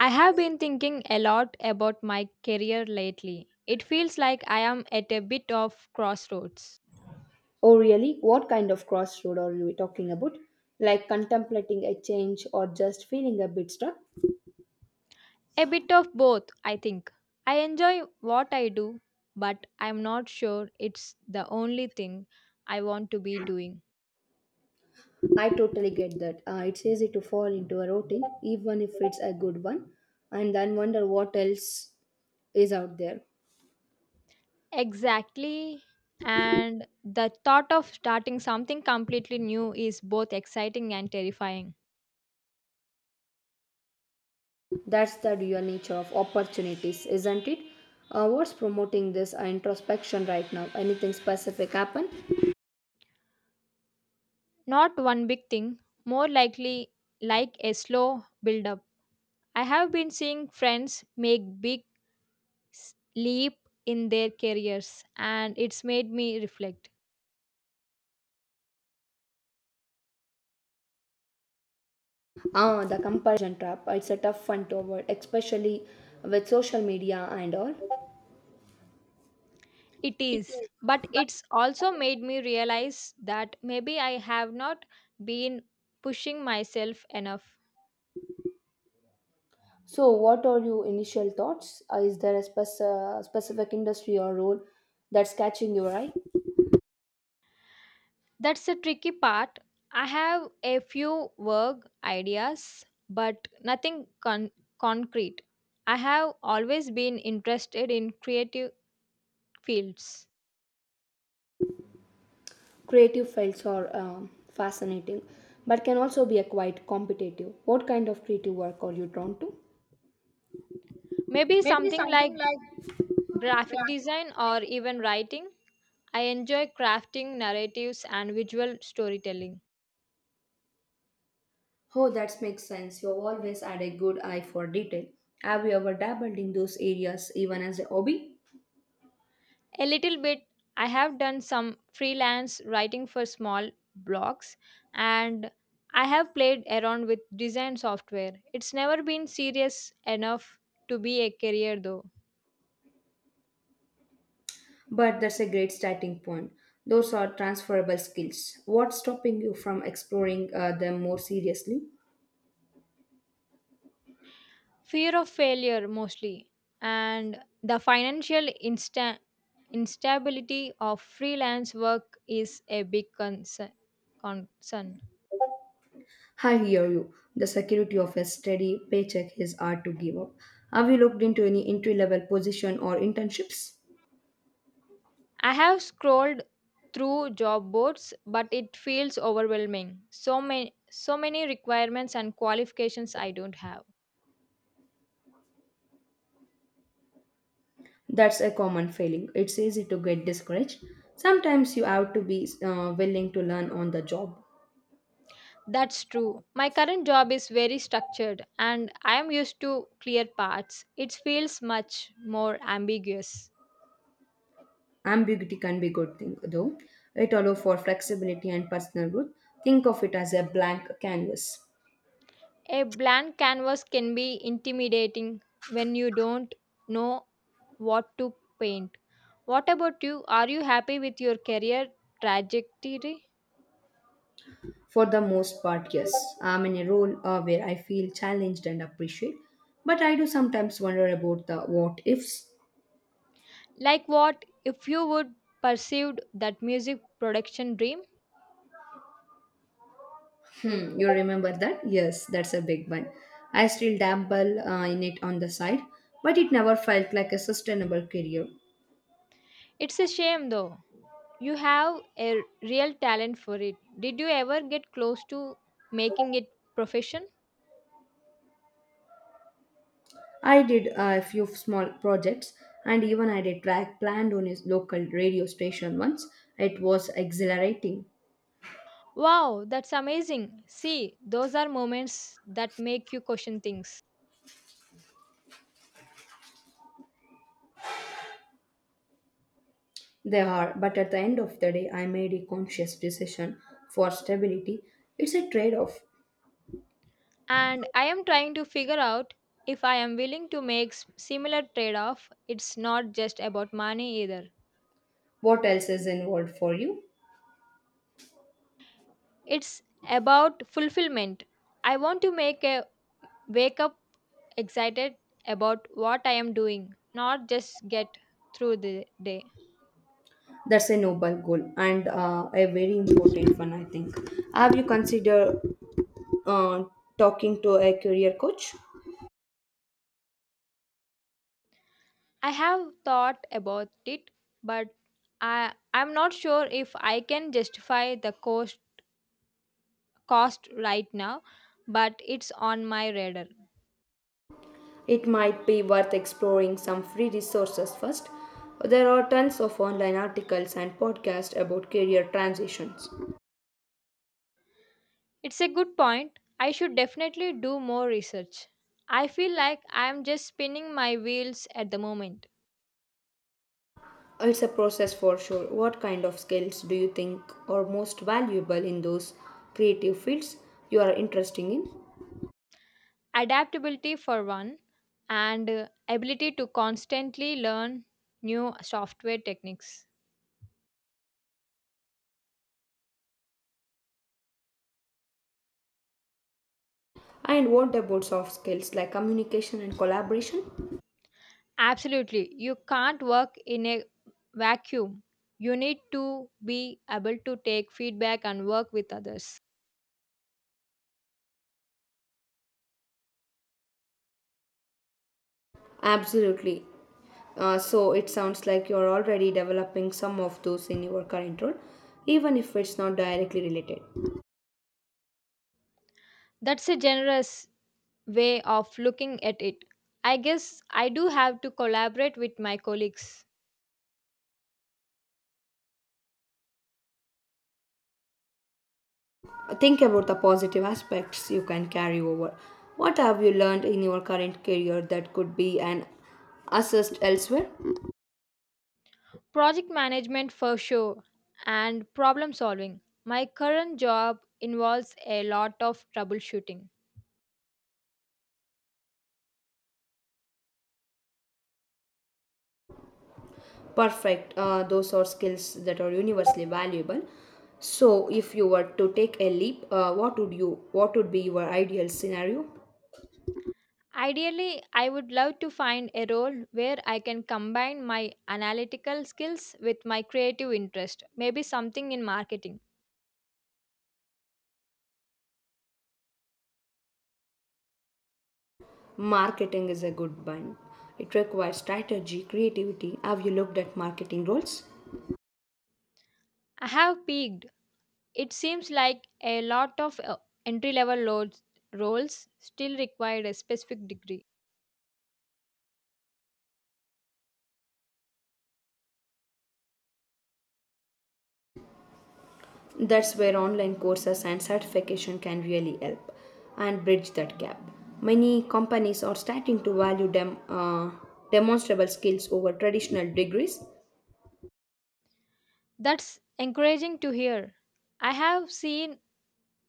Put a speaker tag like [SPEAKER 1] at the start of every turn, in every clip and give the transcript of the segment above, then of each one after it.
[SPEAKER 1] I have been thinking a lot about my career lately. It feels like I am at a bit of crossroads.
[SPEAKER 2] Oh, really? What kind of crossroad are we talking about? Like contemplating a change or just feeling a bit stuck?
[SPEAKER 1] A bit of both, I think. I enjoy what I do, but I'm not sure it's the only thing I want to be doing.
[SPEAKER 2] I totally get that. It's easy to fall into a routine, even if it's a good one, and then wonder what else is out there.
[SPEAKER 1] Exactly. And the thought of starting something completely new is both exciting and terrifying.
[SPEAKER 2] That's the real nature of opportunities, isn't it? What's promoting this introspection right now? Anything specific happen?
[SPEAKER 1] Not one big thing, more likely like a slow build up. I have been seeing friends make big leap in their careers and it's made me reflect.
[SPEAKER 2] Ah, the comparison trap. It's a tough one to avoid, especially with social media and all.
[SPEAKER 1] It
[SPEAKER 2] It
[SPEAKER 1] is,
[SPEAKER 2] is,
[SPEAKER 1] but
[SPEAKER 2] but
[SPEAKER 1] it's also made me realize that maybe I have not been pushing myself enough.
[SPEAKER 2] so, what are your initial thoughts? Is there a specific industry or role that's catching your eye?
[SPEAKER 1] That's the tricky part. I have a few work ideas, but nothing concrete. I have always been interested in creative fields,
[SPEAKER 2] Creative fields are fascinating, but can also be a quite competitive. What kind of creative work are you drawn to?
[SPEAKER 1] maybe something like graphic design or even writing. I enjoy crafting narratives and visual storytelling.
[SPEAKER 2] Oh, that makes sense. You always had a good eye for detail. Have you ever dabbled in those areas even as a hobby?
[SPEAKER 1] A little bit, I have done some freelance writing for small blogs, and I have played around with design software. It's never been serious enough to be a career though.
[SPEAKER 2] But that's a great starting point. Those are transferable skills. What's stopping you from exploring them more seriously?
[SPEAKER 1] Fear of failure mostly, and the financial instability of freelance work is a big concern.
[SPEAKER 2] I hear you. The security of a steady paycheck is hard to give up. Have you looked into any entry level position or internships?
[SPEAKER 1] I have scrolled through job boards, but it feels overwhelming. So many requirements and qualifications I don't have.
[SPEAKER 2] That's a common failing. It's easy to get discouraged. Sometimes you have to be willing to learn on the job.
[SPEAKER 1] That's true. My current job is very structured and I am used to clear paths. It feels much more ambiguous.
[SPEAKER 2] Ambiguity can be a good thing, though. It allows for flexibility and personal growth. Think of it as a blank canvas.
[SPEAKER 1] A blank canvas can be intimidating when you don't know what to paint. What about you? Are you happy with your career trajectory?
[SPEAKER 2] For the most part, yes, I'm in a role where I feel challenged and appreciated, but I do sometimes wonder about the what ifs.
[SPEAKER 1] Like what if you would pursued that music production dream?
[SPEAKER 2] Hmm, you remember that? Yes, that's a big one. I still dabble in it on the side, but it never felt like a sustainable career.
[SPEAKER 1] It's a shame though. You have a real talent for it. Did you ever get close to making it profession?
[SPEAKER 2] I did a few small projects, and even I did track planned on his local radio station once. It was exhilarating.
[SPEAKER 1] Wow, that's amazing. See, those are moments that make you question things.
[SPEAKER 2] They are, but at the end of the day, I made a conscious decision for stability. It's a trade off.
[SPEAKER 1] And I am trying to figure out if I am willing to make similar trade-off. It's not just about money either.
[SPEAKER 2] What else is involved for you?
[SPEAKER 1] It's about fulfillment. I want to make a wake up excited about what I am doing, not just get through the day.
[SPEAKER 2] That's a noble goal and a very important one, I think. Have you considered uh, talking to a career coach.
[SPEAKER 1] I have thought about it, but I'm not sure if I can justify the cost right now, but it's on my radar.
[SPEAKER 2] It might be worth exploring some free resources first. There are tons of online articles and podcasts about career transitions.
[SPEAKER 1] It's a good point. I should definitely do more research. I feel like I am just spinning my wheels at the moment.
[SPEAKER 2] It's a process for sure. What kind of skills do you think are most valuable in those creative fields you are interested in?
[SPEAKER 1] Adaptability for one, and ability to constantly learn new software techniques.
[SPEAKER 2] And what about soft skills like communication and collaboration?
[SPEAKER 1] Absolutely. You can't work in a vacuum. You need to be able to take feedback and work with others.
[SPEAKER 2] Absolutely. So it sounds like you're already developing some of those in your current role, even if it's not directly related.
[SPEAKER 1] That's a generous way of looking at it. I guess I do have to collaborate with my colleagues.
[SPEAKER 2] Think about the positive aspects you can carry over. What have you learned in your current career that could be an assist elsewhere?
[SPEAKER 1] Project management for sure, and problem solving. My current job involves a lot of troubleshooting.
[SPEAKER 2] Perfect. Those are skills that are universally valuable. So, if you were to take a leap, What would be your ideal scenario?
[SPEAKER 1] Ideally, I would love to find a role where I can combine my analytical skills with my creative interest, maybe something in marketing.
[SPEAKER 2] Marketing is a good one. It requires strategy, creativity. Have you looked at marketing roles?
[SPEAKER 1] I have peaked. It seems like a lot of entry level roles still require a specific degree.
[SPEAKER 2] That's where online courses and certification can really help and bridge that gap. Many companies are starting to value demonstrable skills over traditional degrees.
[SPEAKER 1] That's encouraging to hear. I have seen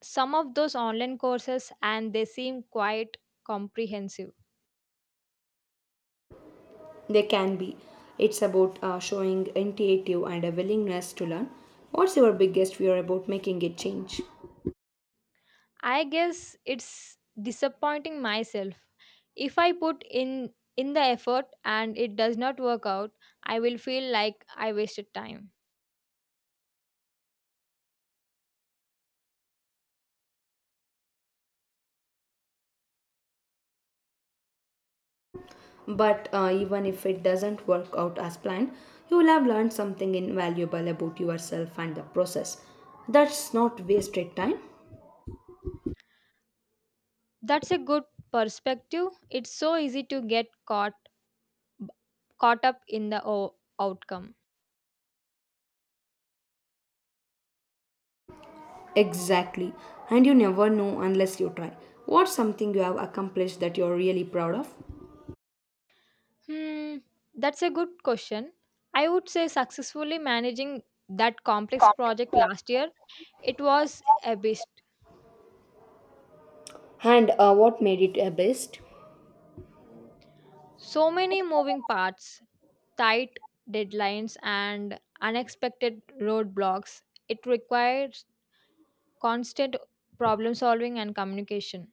[SPEAKER 1] some of those online courses and they seem quite comprehensive.
[SPEAKER 2] They can be. It's about showing initiative and a willingness to learn. What's your biggest fear about making a change?
[SPEAKER 1] I guess it's disappointing myself. If I put in the effort and it does not work out, I will feel like I wasted time.
[SPEAKER 2] But even if it doesn't work out as planned, you will have learned something invaluable about yourself and the process. That's not wasted time.
[SPEAKER 1] That's a good perspective. It's so easy to get caught up in the outcome.
[SPEAKER 2] Exactly. And you never know unless you try. What's something you have accomplished that you're really proud of?
[SPEAKER 1] Hmm, that's a good question. I would say successfully managing that complex project last year, it was a beast.
[SPEAKER 2] And what made it a best?
[SPEAKER 1] So many moving parts, tight deadlines, and unexpected roadblocks. It requires constant problem solving and communication.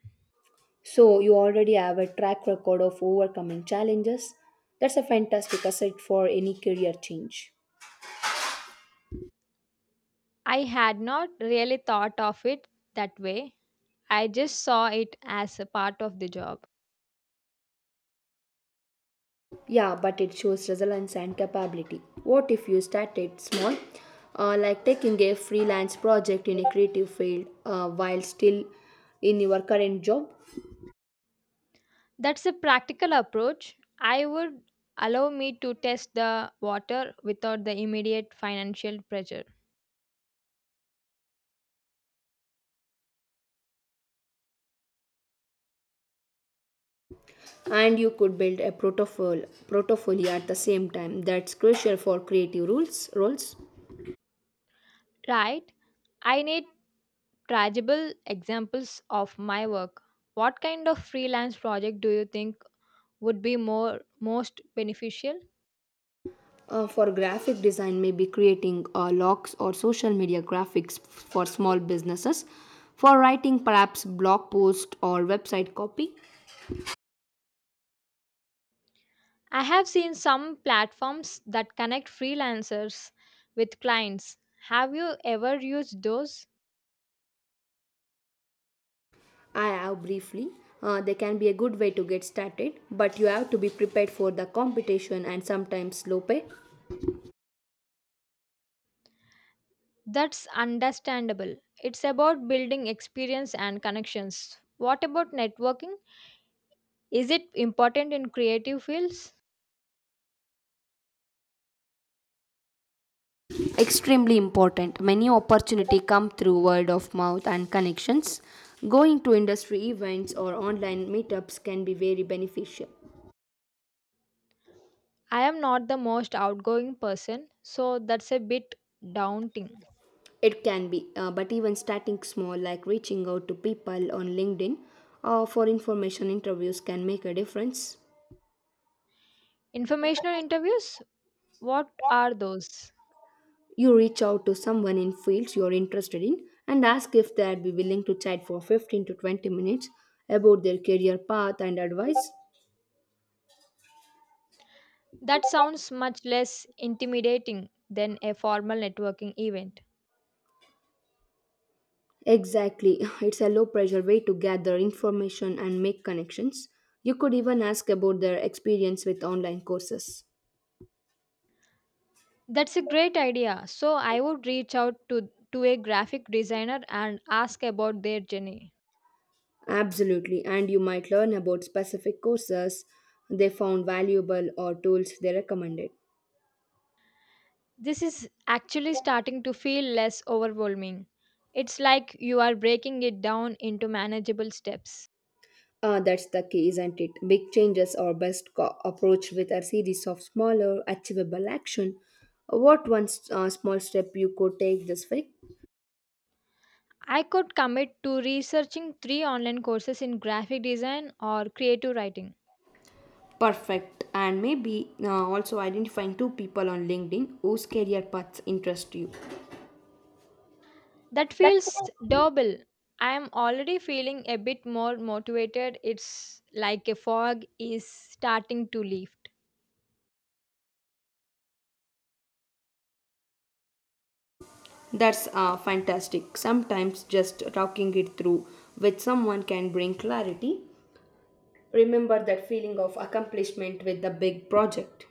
[SPEAKER 2] So, you already have a track record of overcoming challenges. That's a fantastic asset for any career change.
[SPEAKER 1] I had not really thought of it that way. I just saw it as a part of the job.
[SPEAKER 2] Yeah, but it shows resilience and capability. What if you started small, like taking a freelance project in a creative field while still in your current job,
[SPEAKER 1] That's a practical approach. I would allow me to test the water without the immediate financial pressure.
[SPEAKER 2] and you could build a portfolio at the same time. That's crucial for creative rules roles.
[SPEAKER 1] Right? I need tangible examples of my work. What kind of freelance project do you think would be more most beneficial?
[SPEAKER 2] For graphic design, maybe creating logs or social media graphics for small businesses. For writing, perhaps blog post or website copy.
[SPEAKER 1] I have seen some platforms that connect freelancers with clients. Have you ever used those?
[SPEAKER 2] I have briefly. They can be a good way to get started, but you have to be prepared for the competition and sometimes low pay.
[SPEAKER 1] That's understandable. It's about building experience and connections. What about networking? Is it important in creative fields?
[SPEAKER 2] Extremely important. Many opportunity come through word of mouth and connections. Going to industry events or online meetups can be very beneficial.
[SPEAKER 1] I am not the most outgoing person, so that's a bit daunting.
[SPEAKER 2] It can be, but even starting small, like reaching out to people on LinkedIn for information interviews, can make a difference.
[SPEAKER 1] Informational interviews? What are those?
[SPEAKER 2] You reach out to someone in fields you're interested in and ask if they'd be willing to chat for 15 to 20 minutes about their career path and advice.
[SPEAKER 1] That sounds much less intimidating than a formal networking event.
[SPEAKER 2] Exactly, it's a low pressure way to gather information and make connections. You could even ask about their experience with online courses.
[SPEAKER 1] That's a great idea. So I would reach out to a graphic designer and ask about their journey.
[SPEAKER 2] Absolutely, and you might learn about specific courses they found valuable or tools they recommended.
[SPEAKER 1] This is actually starting to feel less overwhelming. It's like you are breaking it down into manageable steps.
[SPEAKER 2] Ah, that's the key, isn't it? Big changes are best approached with a series of smaller, achievable action. What one small step you could take this week?
[SPEAKER 1] I could commit to researching three online courses in graphic design or creative writing.
[SPEAKER 2] Perfect. And maybe also identifying two people on LinkedIn whose career paths interest you.
[SPEAKER 1] That feels double. I am already feeling a bit more motivated. It's like a fog is starting to lift.
[SPEAKER 2] That's fantastic. Sometimes just talking it through with someone can bring clarity. Remember that feeling of accomplishment with the big project.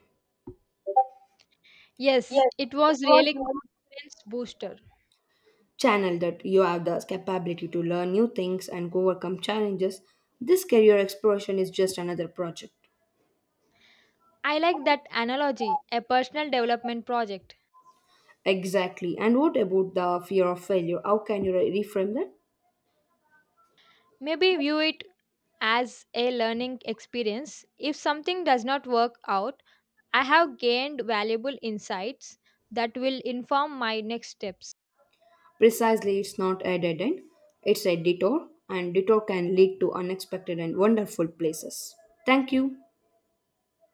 [SPEAKER 1] Yes, it was really confidence booster.
[SPEAKER 2] Channel that you have the capability to learn new things and overcome challenges, this career exploration is just another project.
[SPEAKER 1] I like that analogy, a personal development project.
[SPEAKER 2] Exactly. And what about the fear of failure? How can you reframe that?
[SPEAKER 1] Maybe view it as a learning experience. If something does not work out, I have gained valuable insights that will inform my next steps.
[SPEAKER 2] Precisely, it's not a dead end, it's a detour, and detour can lead to unexpected and wonderful places. Thank you.